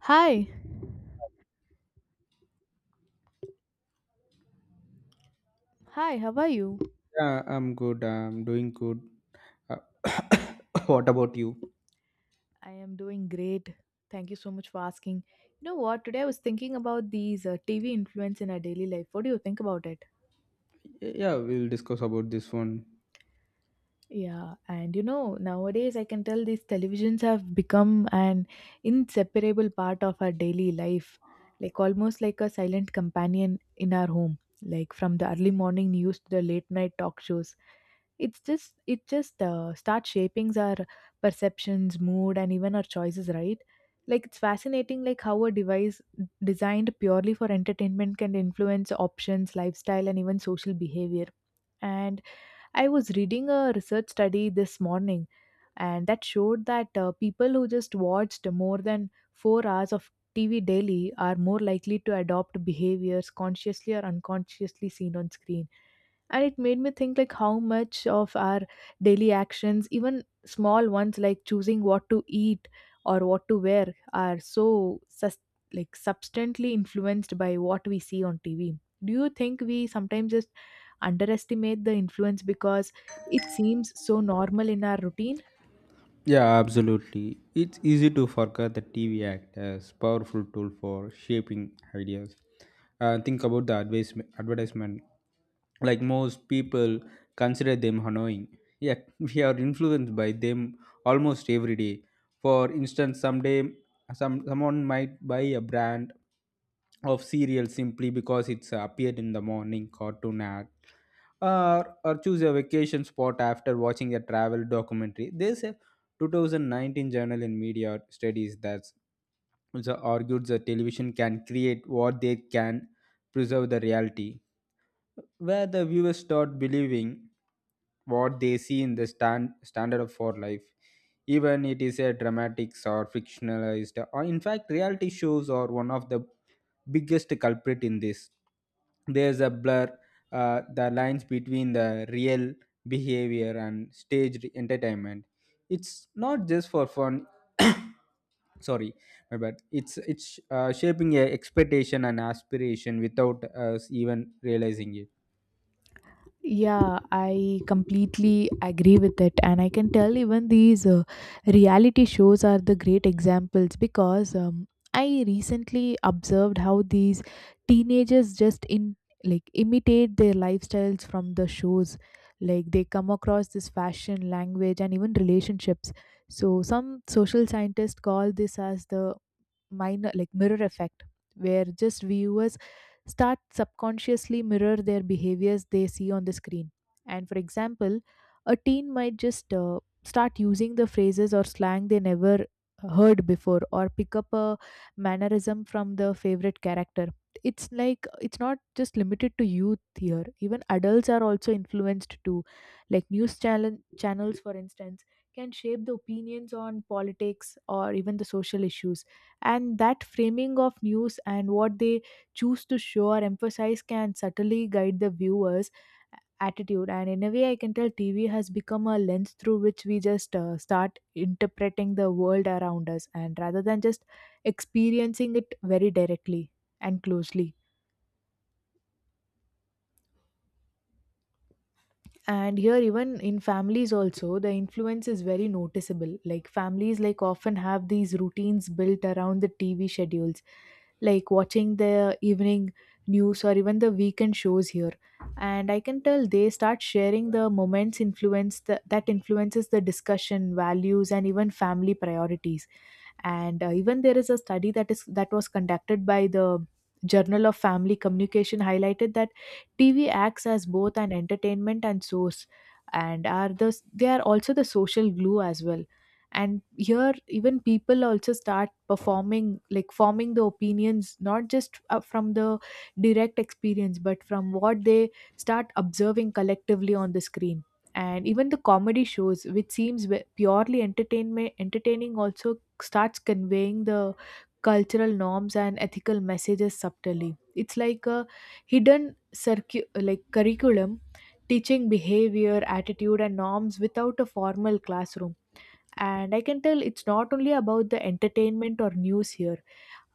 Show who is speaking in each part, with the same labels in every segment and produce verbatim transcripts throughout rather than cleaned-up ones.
Speaker 1: Hi. Hi, how are you?
Speaker 2: Yeah, I'm good. I'm doing good. Uh, what about you?
Speaker 1: I am doing great. Thank you so much for asking. You know what? Today I was thinking about these uh, T V influence in our daily life. What do you think about it?
Speaker 2: Yeah, we'll discuss about this one.
Speaker 1: Yeah, and you know, nowadays I can tell these televisions have become an inseparable part of our daily life, like almost like a silent companion in our home, like from the early morning news to the late night talk shows. It's just it just uh, starts shaping our perceptions, mood, and even our choices, right? Like it's fascinating, like how a device designed purely for entertainment can influence options, lifestyle, and even social behavior. And I was reading a research study this morning, and that showed that uh, people who just watched more than four hours of T V daily are more likely to adopt behaviors consciously or unconsciously seen on screen, and it made me think like how much of our daily actions, even small ones, like choosing what to eat or what to wear are so sus- like substantially influenced by what we see on TV. Do you think we sometimes just underestimate the influence because it seems so normal in our routine?
Speaker 2: Yeah, absolutely. It's easy to forget that T V act as powerful tool for shaping ideas. Uh, think about the advis- advertisement. Like most people consider them annoying, yet we are influenced by them almost every day. For instance, someday some someone might buy a brand of cereal simply because it's appeared in the morning cartoon ad or, or choose a vacation spot after watching a travel documentary. There's a two thousand nineteen Journal in Media Studies that also argued that television can create what they can preserve the reality, where the viewers start believing what they see in the stand, standard of for life, even it is a dramatics or fictionalized or in fact reality shows are one of the biggest culprit in this. There's a blur, uh, the lines between the real behavior and staged entertainment. It's not just for fun. Sorry, my bad. It's it's uh, shaping a expectation and aspiration without us even realizing it.
Speaker 1: Yeah, I completely agree with it. And I can tell even these uh, reality shows are the great examples because um, I recently observed how these teenagers just in like imitate their lifestyles from the shows. Like they come across this fashion, language, and even relationships. So some social scientists call this as the minor like mirror effect, where just viewers start subconsciously mirror their behaviors they see on the screen. And for example, a teen might just uh, start using the phrases or slang they never heard before, or pick up a mannerism from the favorite character. It's like it's not just limited to youth here, even adults are also influenced too, like news channel channels for instance can shape the opinions on politics or even the social issues. And that framing of news and what they choose to show or emphasize can subtly guide the viewers attitude, and in a way I can tell TV has become a lens through which we just uh, start interpreting the world around us, and rather than just experiencing it very directly and closely. And here, even in families also, the influence is very noticeable, like families like often have these routines built around the TV schedules, like watching the evening news or even the weekend shows here. And I can tell they start sharing the moments, influence the, that influences the discussion values and even family priorities. And uh, even there is a study that is that was conducted by the Journal of Family Communication highlighted that TV acts as both an entertainment and source, and are the they are also the social glue as well. And here even people also start performing like forming the opinions, not just uh, from the direct experience, but from what they start observing collectively on the screen. And even the comedy shows, which seems ve- purely entertainment entertaining, also starts conveying the cultural norms and ethical messages subtly. It's like a hidden circu- like curriculum, teaching behavior, attitude, and norms without a formal classroom. And I can tell it's not only about the entertainment or news here.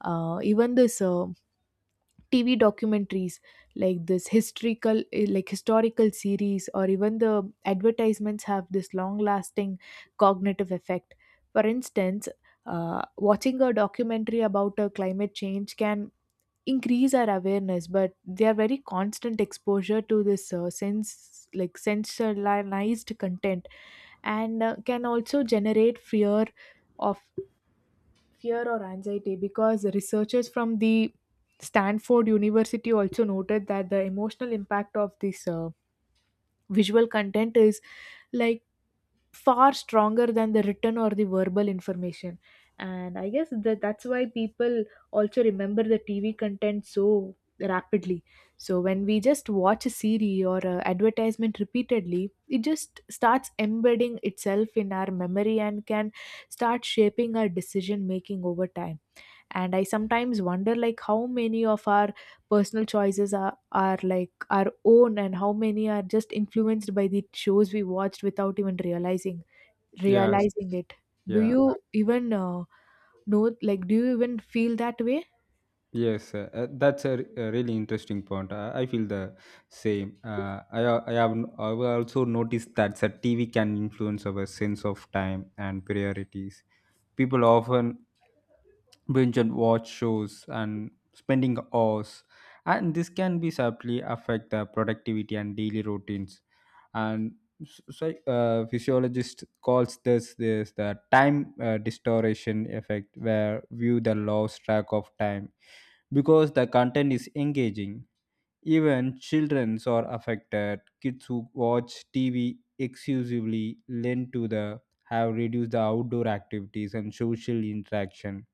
Speaker 1: Uh, even this. Uh, T V documentaries like this historical eh, like historical series or even the advertisements have this long lasting cognitive effect. For instance, uh, watching a documentary about a climate change can increase our awareness, but their very constant exposure to this uh, sense like sensationalized content, and uh, can also generate fear of fear or anxiety, because researchers from the Stanford University also noted that the emotional impact of this uh, visual content is like far stronger than the written or the verbal information. And I guess that that's why people also remember the TV content so rapidly. So when we just watch a series or a advertisement repeatedly, it just starts embedding itself in our memory, and can start shaping our decision making over time. And I sometimes wonder like how many of our personal choices are, are like our own, and how many are just influenced by the shows we watched without even realizing
Speaker 2: Yes,
Speaker 1: realizing it. Do
Speaker 2: yeah,
Speaker 1: you even uh, know, like do you even feel that way?
Speaker 2: yes. Uh, uh, that's a, r- a really interesting point. I, I feel the same. Uh, I al- I have n- I will also noticed that the T V can influence our sense of time and priorities. People often binge and watch shows and spending hours, and this can be sadly affect the productivity and daily routines. and s- so, uh, physiologist calls this this the time uh, distortion effect where view the lost track of time because the content is engaging. Even children are affected. Kids who watch T V exclusively lend to the have reduced the outdoor activities and social interaction,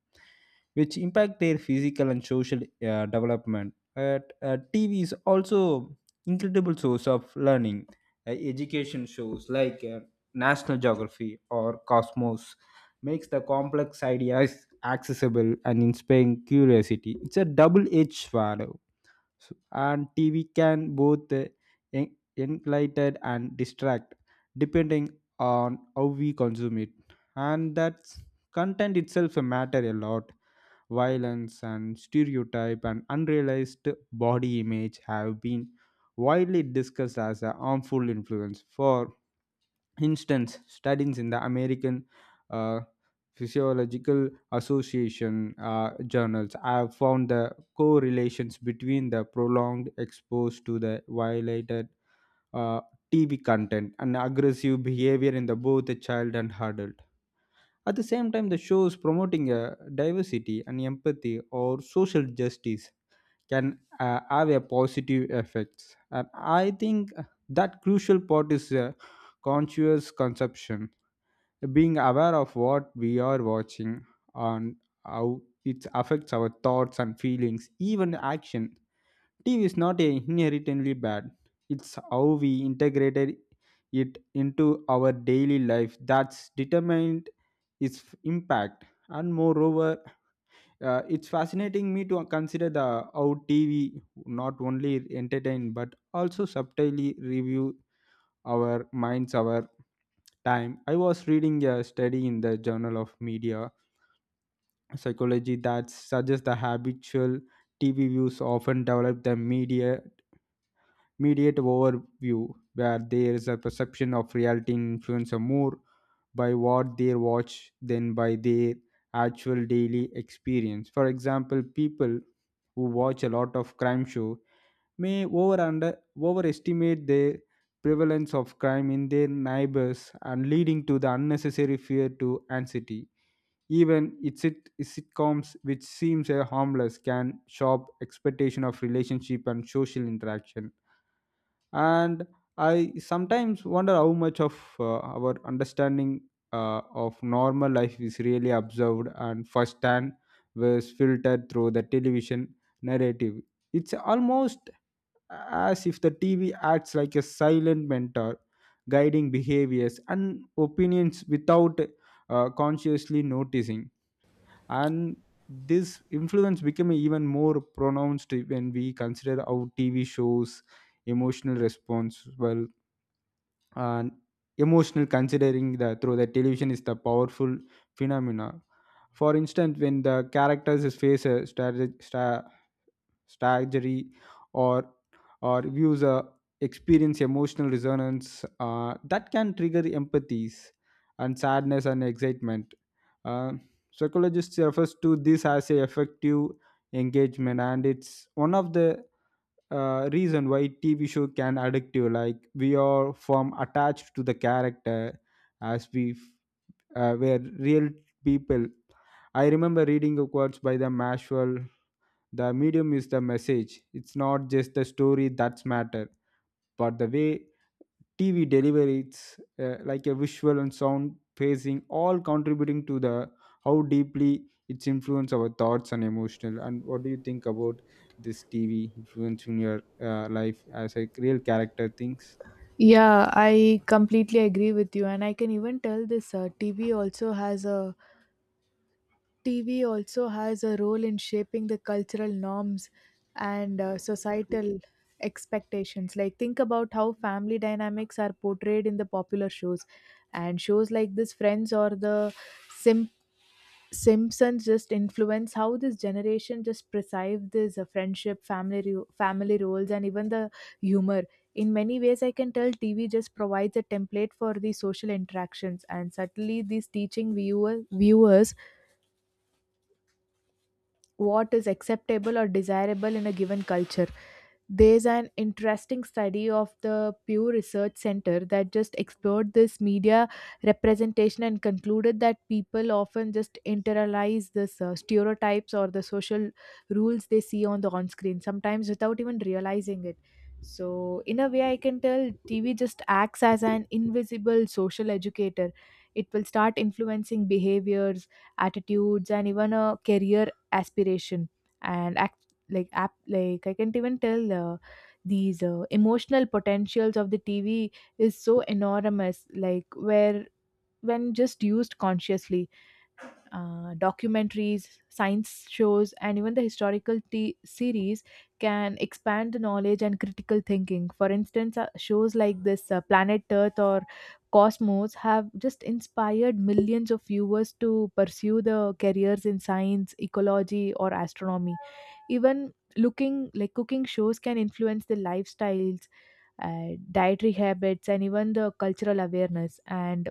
Speaker 2: which impact their physical and social uh, development. But uh, T V is also incredible source of learning. Uh, education shows like uh, National Geography or Cosmos makes the complex ideas accessible and inspiring curiosity. It's a double-edged sword, so- and T V can both uh, en- enlighten and distract depending on how we consume it. And that's content itself matter a lot. Violence and stereotype and unrealized body image have been widely discussed as a harmful influence. For instance, studies in the American uh, Physiological Association uh, journals have found the correlations between the prolonged exposure to the violated uh, T V content and aggressive behavior in the both the child and adult. At the same time, the shows promoting uh, diversity and empathy or social justice can uh, have a positive effects, and I think that crucial part is uh, conscious consumption, being aware of what we are watching and how it affects our thoughts and feelings, even action. TV is not a inherently bad. It's how we integrated it into our daily life that's determined its impact. And moreover, uh, it's fascinating me to consider the how T V not only entertain but also subtly review our minds, our time. I was reading a study in the Journal of Media Psychology that suggests the habitual T V views often develop the media mediate overview, where there is a perception of reality and influencer more by what they watch than by their actual daily experience. For example, people who watch a lot of crime show may over under overestimate the prevalence of crime in their neighbors and leading to the unnecessary fear to anxiety. Even its sit- sitcoms, which seems a harmless, can shop expectation of relationship and social interaction. And I sometimes wonder how much of uh, our understanding uh, of normal life is really observed and firsthand was filtered through the television narrative. It's almost as if the TV acts like a silent mentor, guiding behaviors and opinions without uh, consciously noticing. And this influence became even more pronounced when we consider how TV shows emotional response well, and emotional considering the through the television is the powerful phenomena. For instance, when the characters face a strategy strategy, or or views uh, experience emotional resonance, uh, that can trigger empathies and sadness and excitement. uh, psychologists refers to this as a effective engagement, and it's one of the uh, reason why TV show can addictive. Like we are from attached to the character as we uh, were real people. I remember reading a quotes by the Maxwell, the medium is the message. It's not just the story that's matter, but the way TV delivers, uh, like a visual and sound pacing all contributing to the how deeply it's influence our thoughts and emotional. And what do you think about this TV influencing your uh, life as a real character thinks?
Speaker 1: Yeah, I completely agree with you, and I can even tell this uh, T V also has a T V also has a role in shaping the cultural norms and uh, societal expectations. Like, think about how family dynamics are portrayed in the popular shows, and shows like this, Friends or the Sim- Simpsons, just influence how this generation just perceive this uh, friendship, family, ro- family roles, and even the humor. In many ways, I can tell T V just provides a template for the social interactions, and certainly these teaching viewer, viewers what is acceptable or desirable in a given culture. There's an interesting study of the Pew Research Center that just explored this media representation and concluded that people often just internalize this uh, stereotypes or the social rules they see on the on screen, sometimes without even realizing it. So, in a way, I can tell T V just acts as an invisible social educator. It will start influencing behaviors, attitudes, and even a career aspiration. And act like app like I can't even tell uh, these uh, emotional potentials of the TV is so enormous, like where when just used consciously, uh, documentaries, science shows, and even the historical t- series can expand the knowledge and critical thinking. For instance, uh, shows like this uh, Planet Earth or Cosmos have just inspired millions of viewers to pursue the careers in science, ecology, or astronomy. Even looking like cooking shows can influence the lifestyles, uh, dietary habits, and even the cultural awareness. And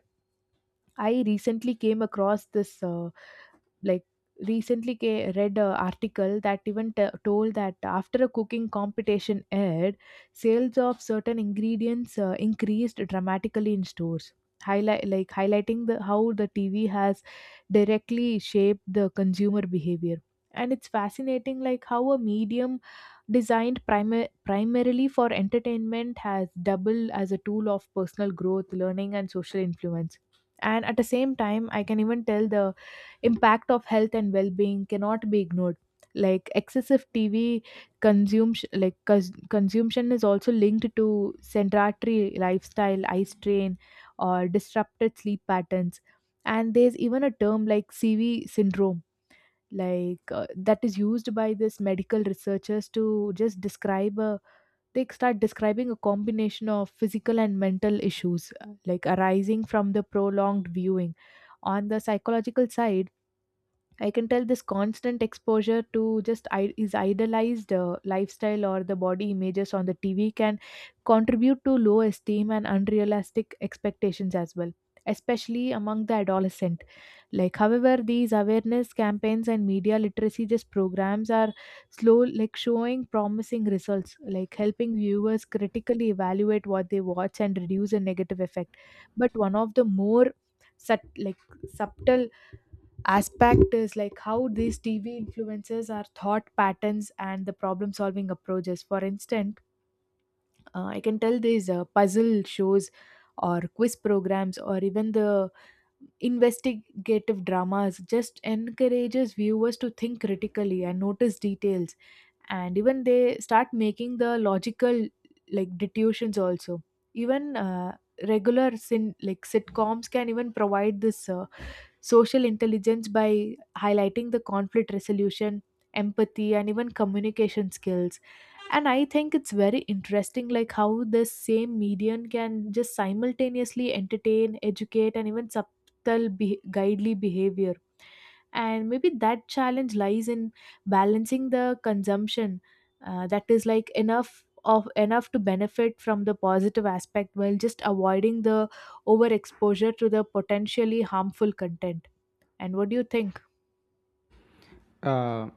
Speaker 1: I recently came across this. Uh, like recently ca- Read a article that even t- told that after a cooking competition aired, sales of certain ingredients uh, increased dramatically in stores, highlight like highlighting the how the TV has directly shaped the consumer behavior. And it's fascinating like how a medium designed primi- primarily for entertainment has doubled as a tool of personal growth, learning, and social influence. And at the same time, I can even tell the impact of health and well-being cannot be ignored, like excessive tv consumption like cons- consumption is also linked to sedentary lifestyle, eye strain, or disrupted sleep patterns. And there's even a term like CV syndrome, like uh, that is used by this medical researchers to just describe a they start describing a combination of physical and mental issues, uh, like arising from the prolonged viewing. On the psychological side, I can tell this constant exposure to just I- is idealized uh, lifestyle or the body images on the T V can contribute to low esteem and unrealistic expectations as well, especially among the adolescent. Like, however, these awareness campaigns and media literacy just programs are slow, like showing promising results, like helping viewers critically evaluate what they watch and reduce a negative effect. But one of the more sub- like subtle aspect is like how these T V influences our thought patterns and the problem solving approaches. For instance, uh, I can tell these uh, puzzle shows or quiz programs or even the investigative dramas just encourages viewers to think critically and notice details, and even they start making the logical like deductions also. Even uh, regular sin like sitcoms can even provide this uh, social intelligence by highlighting the conflict resolution, empathy, and even communication skills. And I think it's very interesting like how this same medium can just simultaneously entertain, educate, and even subtle be- guidely behavior. And maybe that challenge lies in balancing the consumption, uh, that is like enough of enough to benefit from the positive aspect while just avoiding the overexposure to the potentially harmful content. And what do you think?
Speaker 2: Uh,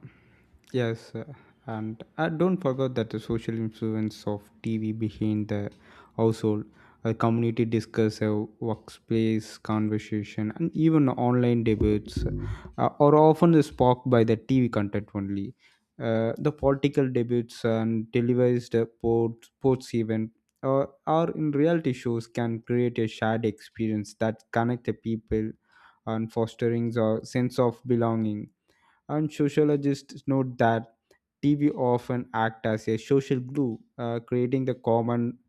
Speaker 2: yes, uh, and uh, don't forget that the social influence of T V behind the household, a community discuss, a workplace conversation, and even online debates uh, are often sparked by the T V content only. Uh, the political debates and televised uh, port, sports event, uh, or in reality shows can create a shared experience that connect the people and fostering a sense of belonging. And sociologists note that T V often act as a social glue, uh, creating the common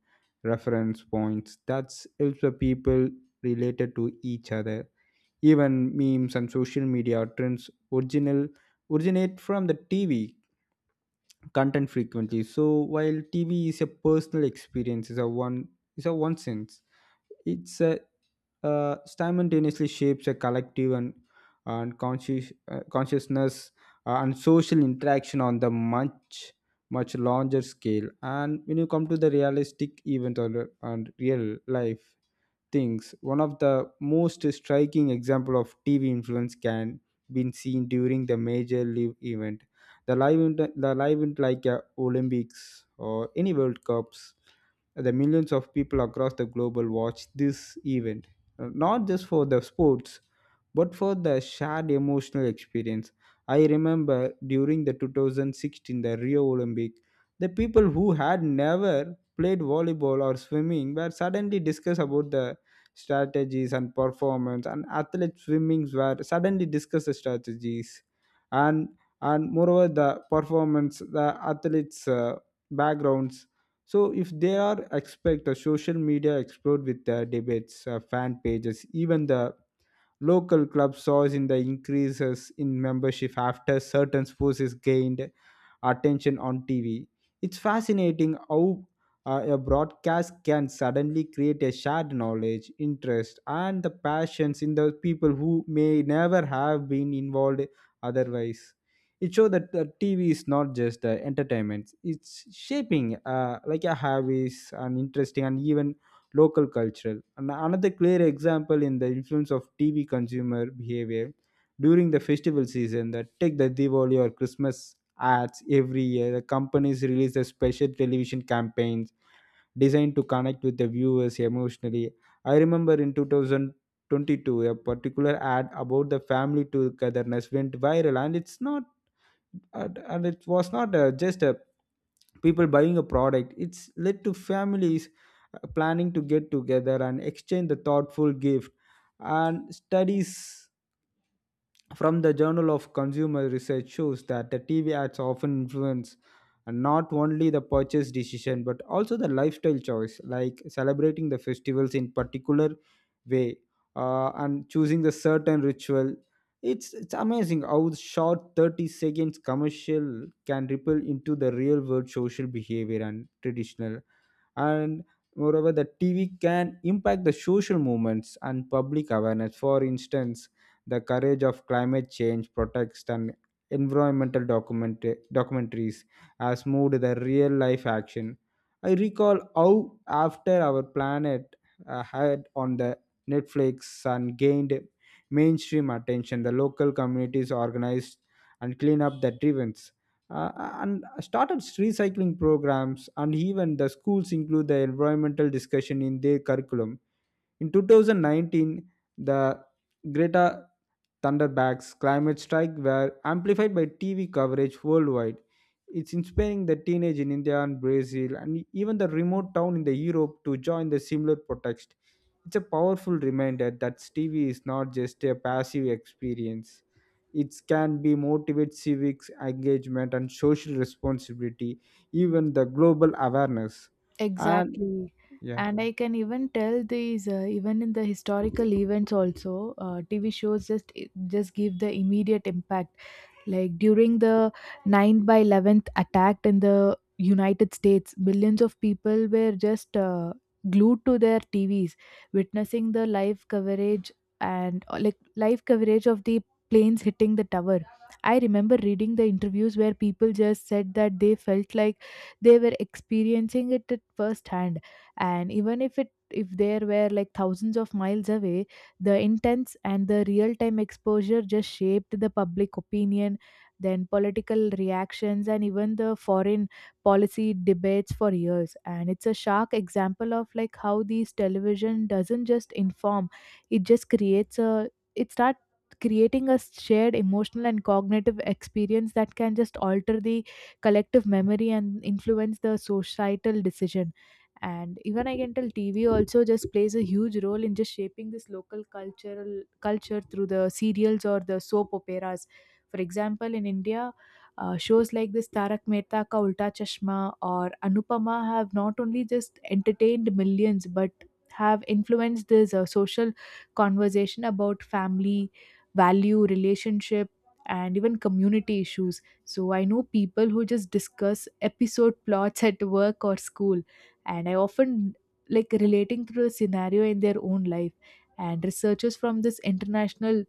Speaker 2: reference points that helps the people related to each other. Even memes and social media trends original originate from the T V content frequently. So while T V is a personal experience, is a one is a one sense. It's a uh, simultaneously shapes a collective and, and conscious, uh, consciousness, uh, and social interaction on the much much larger scale. And when you come to the realistic event or and real life things. One of the most striking example of T V influence can been seen during the major live event. The live event, the live event like uh, Olympics or any World Cups, the millions of people across the global watch this event, Uh, not just for the sports, but for the shared emotional experience. I remember during the two thousand sixteen the Rio Olympic, the people who had never played volleyball or swimming were suddenly discussed about the strategies and performance and athlete swimmings were suddenly discussed strategies. And and moreover the performance, the athletes uh, backgrounds, so if they are expect the social media explode with the debates, uh, fan pages, even the local clubs saw in the increases in membership after certain sports is gained attention on T V. It's fascinating how uh, a broadcast can suddenly create a shared knowledge, interest, and the passions in the people who may never have been involved otherwise. It shows that the T V is not just uh, entertainment; it's shaping uh, like a habits and interesting and even local cultural. And another clear example in the influence of T V consumer behavior during the festival season that take the Diwali or Christmas ads every year, the companies release the special television campaigns designed to connect with the viewers emotionally. I remember in twenty twenty-two, a particular ad about the family togetherness went viral, and it's not and, and it was not uh, just a people buying a product, it's led to families uh, planning to get together and exchange the thoughtful gift. And studies from the Journal of Consumer Research shows that the T V ads often influence not only the purchase decision but also the lifestyle choice, like celebrating the festivals in particular way, uh, and choosing the certain ritual. It's it's amazing how short thirty seconds commercial can ripple into the real world social behavior and traditional. And moreover, the TV can impact the social movements and public awareness. For instance, the courage of climate change protest and environmental document- documentaries has moved the real life action. I recall how after our planet uh, had on the netflix and gained mainstream attention, the local communities organized and clean up the events, uh, and started recycling programs, and even the schools include the environmental discussion in their curriculum. In two thousand nineteen, the greta Thunderback's climate strike were amplified by T V coverage worldwide. It's inspiring the teenage in India and Brazil and even the remote town in the Europe to join the similar protest. It's a powerful reminder that T V is not just a passive experience. It can be motivate civics engagement and social responsibility, even the global awareness. And
Speaker 1: Exactly.
Speaker 2: yeah.
Speaker 1: And I can even tell these, uh, even in the historical events also, uh, T V shows just just give the immediate impact. Like during the ninth by eleventh attack in the United States, billions of people were just uh, glued to their T Vs, witnessing the live coverage, and uh, like live coverage of the planes hitting the tower. I remember reading the interviews where people just said that they felt like they were experiencing it at first hand, and even if it if there were like thousands of miles away, the intense and the real time exposure just shaped the public opinion, then political reactions, and even the foreign policy debates for years. And it's a sharp example of like how these television doesn't just inform; it just creates a it start creating a shared emotional and cognitive experience that can just alter the collective memory and influence the societal decision. And even I can tell TV also just plays a huge role in just shaping this local cultural culture through the serials or the soap operas. For example, in India, uh, shows like this Tarak Mehta Ka Ulta Chashma or Anupama have not only just entertained millions but have influenced this uh, social conversation about family, value, relationship, and even community issues. So I know people who just discuss episode plots at work or school, and I often like relating to a scenario in their own life. And researchers from this international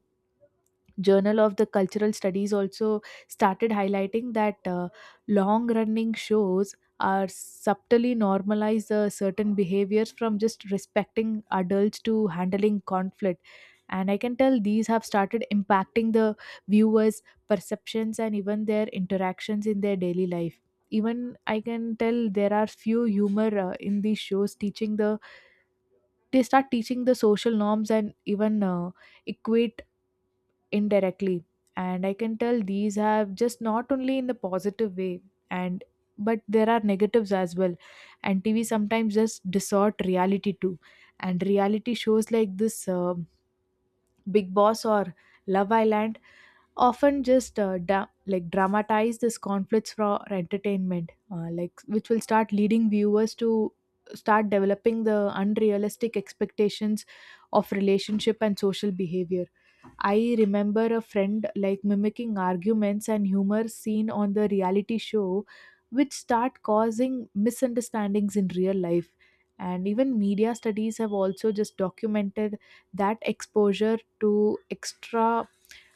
Speaker 1: Journal of the Cultural Studies also started highlighting that uh, long running shows are subtly normalize uh, certain behaviors from just respecting adults to handling conflict. And I can tell these have started impacting the viewers perceptions and even their interactions in their daily life. Even I can tell there are few humor uh, in these shows teaching the they start teaching the social norms and even uh, equate indirectly. And I can tell these have just not only in the positive way, and but there are negatives as well. And TV sometimes just distort reality too. And reality shows like this uh, big boss or love island often just uh, da- like dramatize this conflicts for entertainment, uh, like which will start leading viewers to start developing the unrealistic expectations of relationship and social behavior. I remember a friend like mimicking arguments and humor seen on the reality show, which start causing misunderstandings in real life. And even media studies have also just documented that exposure to extra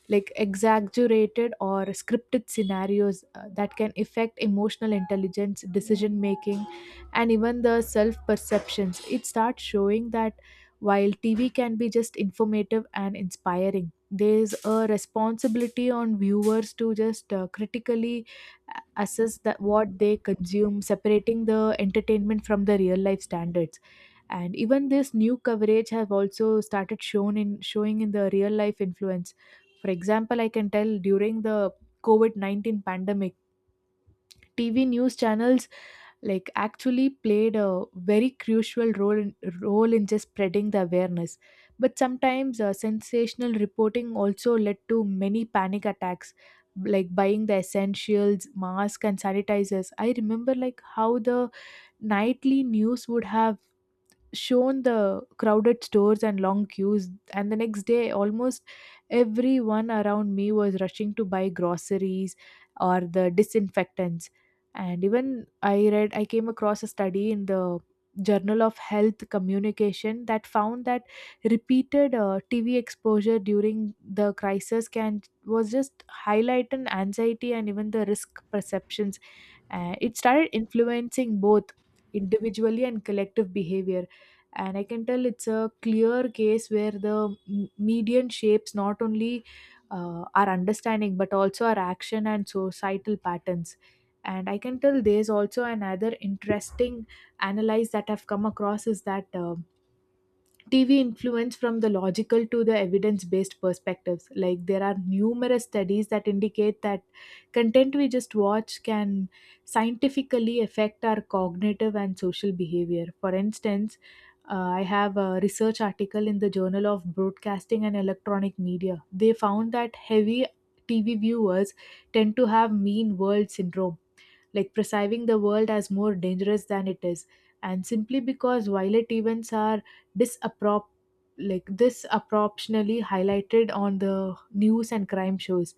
Speaker 1: like exaggerated or scripted scenarios uh, that can affect emotional intelligence, decision making, and even the self perceptions. It starts showing that while T V can be just informative and inspiring, there's a responsibility on viewers to just uh, critically a- assess that what they consume, separating the entertainment from the real life standards. And even this new coverage have also started shown in showing in the real life influence. For example, I can tell during the covid nineteen pandemic, TV news channels like actually played a very crucial role in, role in just spreading the awareness. But sometimes uh, sensational reporting also led to many panic attacks, like buying the essentials, masks, and sanitizers. I remember like how the nightly news would have shown the crowded stores and long queues, and the next day almost everyone around me was rushing to buy groceries or the disinfectants. And even i read I came across a study in the journal of health communication that found that repeated uh, TV exposure during the crisis can was just highlight an anxiety and even the risk perceptions. Uh, it started influencing both individually and collective behavior. And I can tell it's a clear case where the m- median shapes not only uh, our understanding but also our action and societal patterns. And I can tell there's also another interesting analyze that I've come across is that um T V influence from the logical to the evidence based perspectives. Like, there are numerous studies that indicate that content we just watch can scientifically affect our cognitive and social behavior. For instance, uh, I have a research article in the Journal of Broadcasting and Electronic Media. They found that heavy T V viewers tend to have mean world syndrome, like perceiving the world as more dangerous than it is, and simply because violent events are disapprop like disproportionately highlighted on the news and crime shows.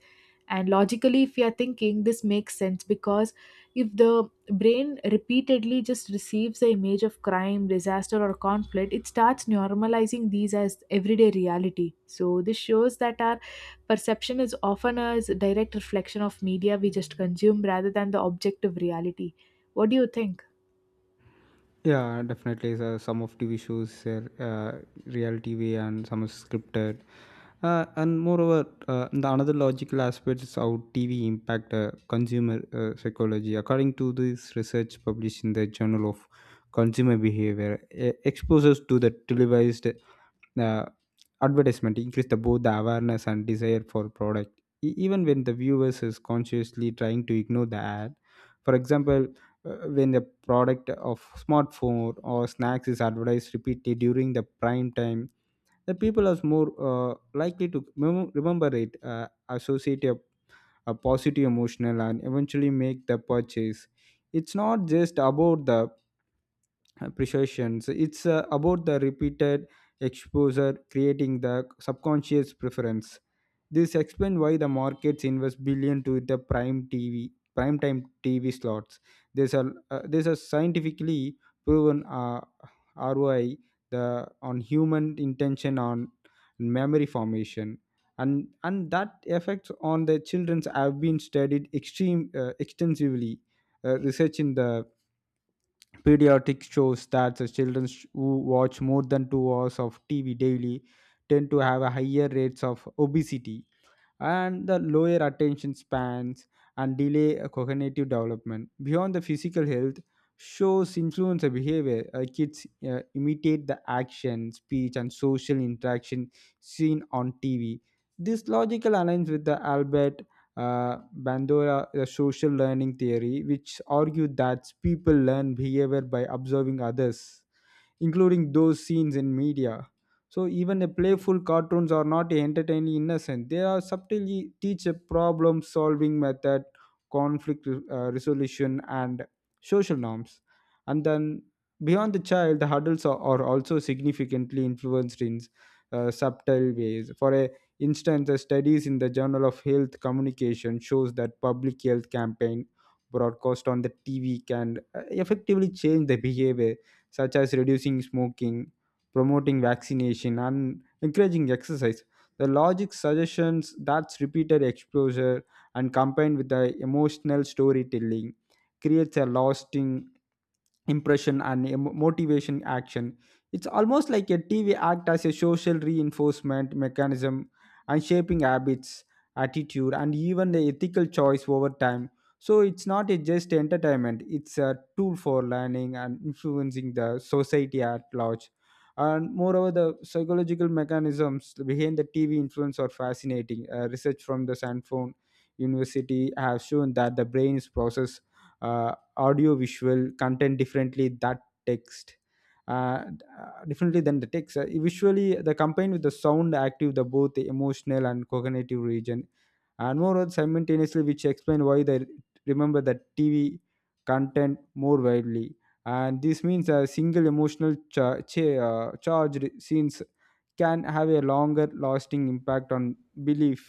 Speaker 1: And logically if you are thinking this makes sense, because if the brain repeatedly just receives the image of crime, disaster or conflict, it starts normalizing these as everyday reality. So this shows that our perception is often a s- direct reflection of media we just consume rather than the objective reality. What do you think?
Speaker 2: Yeah, definitely. So some of T V shows are uh, real T V and some is scripted. Uh, and moreover, uh, the another logical aspect is how T V impact uh, consumer uh, psychology. According to this research published in the Journal of Consumer Behavior, e- exposures to the televised the advertisement increase the both the awareness and desire for product. E- even when the viewers is consciously trying to ignore the ad, for example, uh, when the product of smartphone or snacks is advertised repeatedly during the prime time, the people are more uh, likely to mem- remember it, uh, associate a, a positive emotional, and eventually make the purchase. It's not just about the uh, precautions. It's uh, about the repeated exposure creating the subconscious preference. This explains why the markets invest billion to the prime T V, prime time T V slots. There's a uh, there's a scientifically proven uh, R O I the on human intention on memory formation. And, and that effects on the children's have been studied extreme uh, extensively. uh, research in the Pediatric shows that the children sh- who watch more than two hours of T V daily tend to have a higher rates of obesity and the lower attention spans and delay uh, cognitive development. Beyond the physical health, shows influence of behavior. Uh, kids uh, imitate the action, speech, and social interaction seen on T V. This logical aligns with the Albert uh, Bandura the social learning theory, which argued that people learn behavior by observing others, including those scenes in media. So even the playful cartoons are not entertaining innocent. They are subtly teach a problem solving method, conflict uh, resolution, and social norms. And then beyond the child, the adults are, are also significantly influenced in uh, subtle ways. For a instance, the studies in the Journal of Health Communication shows that public health campaign broadcast on the T V can uh, effectively change the behavior such as reducing smoking, promoting vaccination, and encouraging exercise. The logic suggestions that repeated exposure and combined with the emotional storytelling creates a lasting impression and em- motivation action. It's almost like a TV act as a social reinforcement mechanism and shaping habits attitude and even the ethical choice over time. So it's not a just entertainment, it's a tool for learning and influencing the society at large. And moreover, the psychological mechanisms behind the TV influence are fascinating. Uh, research from the sanford university has shown that the brain is processed audio visual content differently that text, uh, uh, differently than the text. Uh, visually the combined with the sound active the both the emotional and cognitive region, and moreover simultaneously, which explain why they remember the TV content more widely. And this means a single emotional cha- cha- uh, charged scenes can have a longer lasting impact on belief.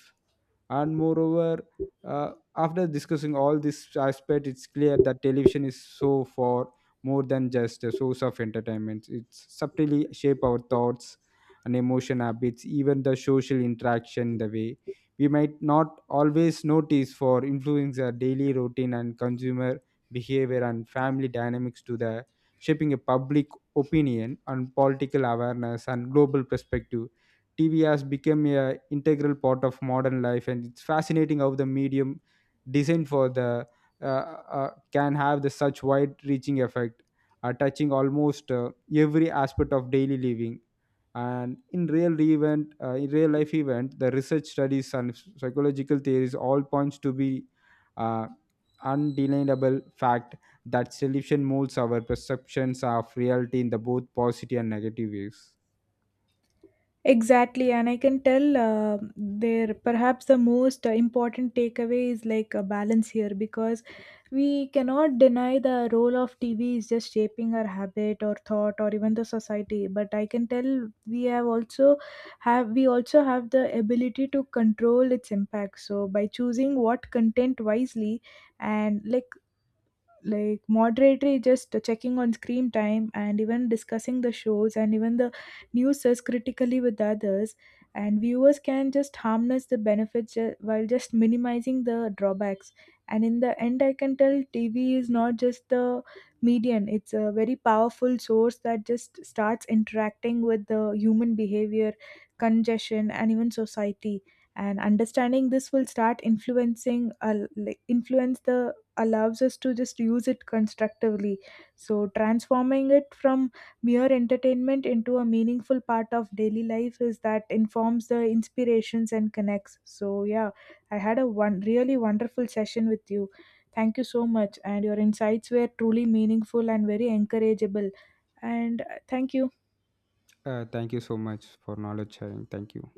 Speaker 2: And moreover, uh, after discussing all this aspect, it's clear that television is so far more than just a source of entertainment. It's subtly shape our thoughts and emotion habits, even the social interaction, the way we might not always notice, for influencing our daily routine and consumer behavior and family dynamics to the shaping a public opinion and political awareness and global perspective. T V has become a integral part of modern life, and it's fascinating how the medium designed for the uh, uh, can have the such wide-reaching effect, uh, touching almost uh, every aspect of daily living. And in real event, uh, in real life event, the research studies and psychological theories all points to be uh, undeniable fact that solution molds our perceptions of reality in the both positive and negative ways.
Speaker 1: Ex- Perhaps the most uh, important takeaway is like a balance here, because we cannot deny the role of TV is just shaping our habit or thought or even the society, but I can tell we have also have we also have the ability to control its impact. So by choosing what content wisely, and like like moderatory just checking on screen time and even discussing the shows and even the news as critically with others, and viewers can just harness the benefits, uh, while just minimizing the drawbacks. And in the end I can tell TV is not just the median, it's a very powerful source that just starts interacting with the human behavior, congestion and even society. And understanding this will start influencing uh, like influence the allows us to just use it constructively. So transforming it from mere entertainment into a meaningful part of daily life is that informs the inspirations and connects. So yeah, I had a one really wonderful session with you. Thank you so much, and your insights were truly meaningful and very encourageable. And uh, thank you.
Speaker 2: Uh, thank you so much for knowledge sharing. Thank you.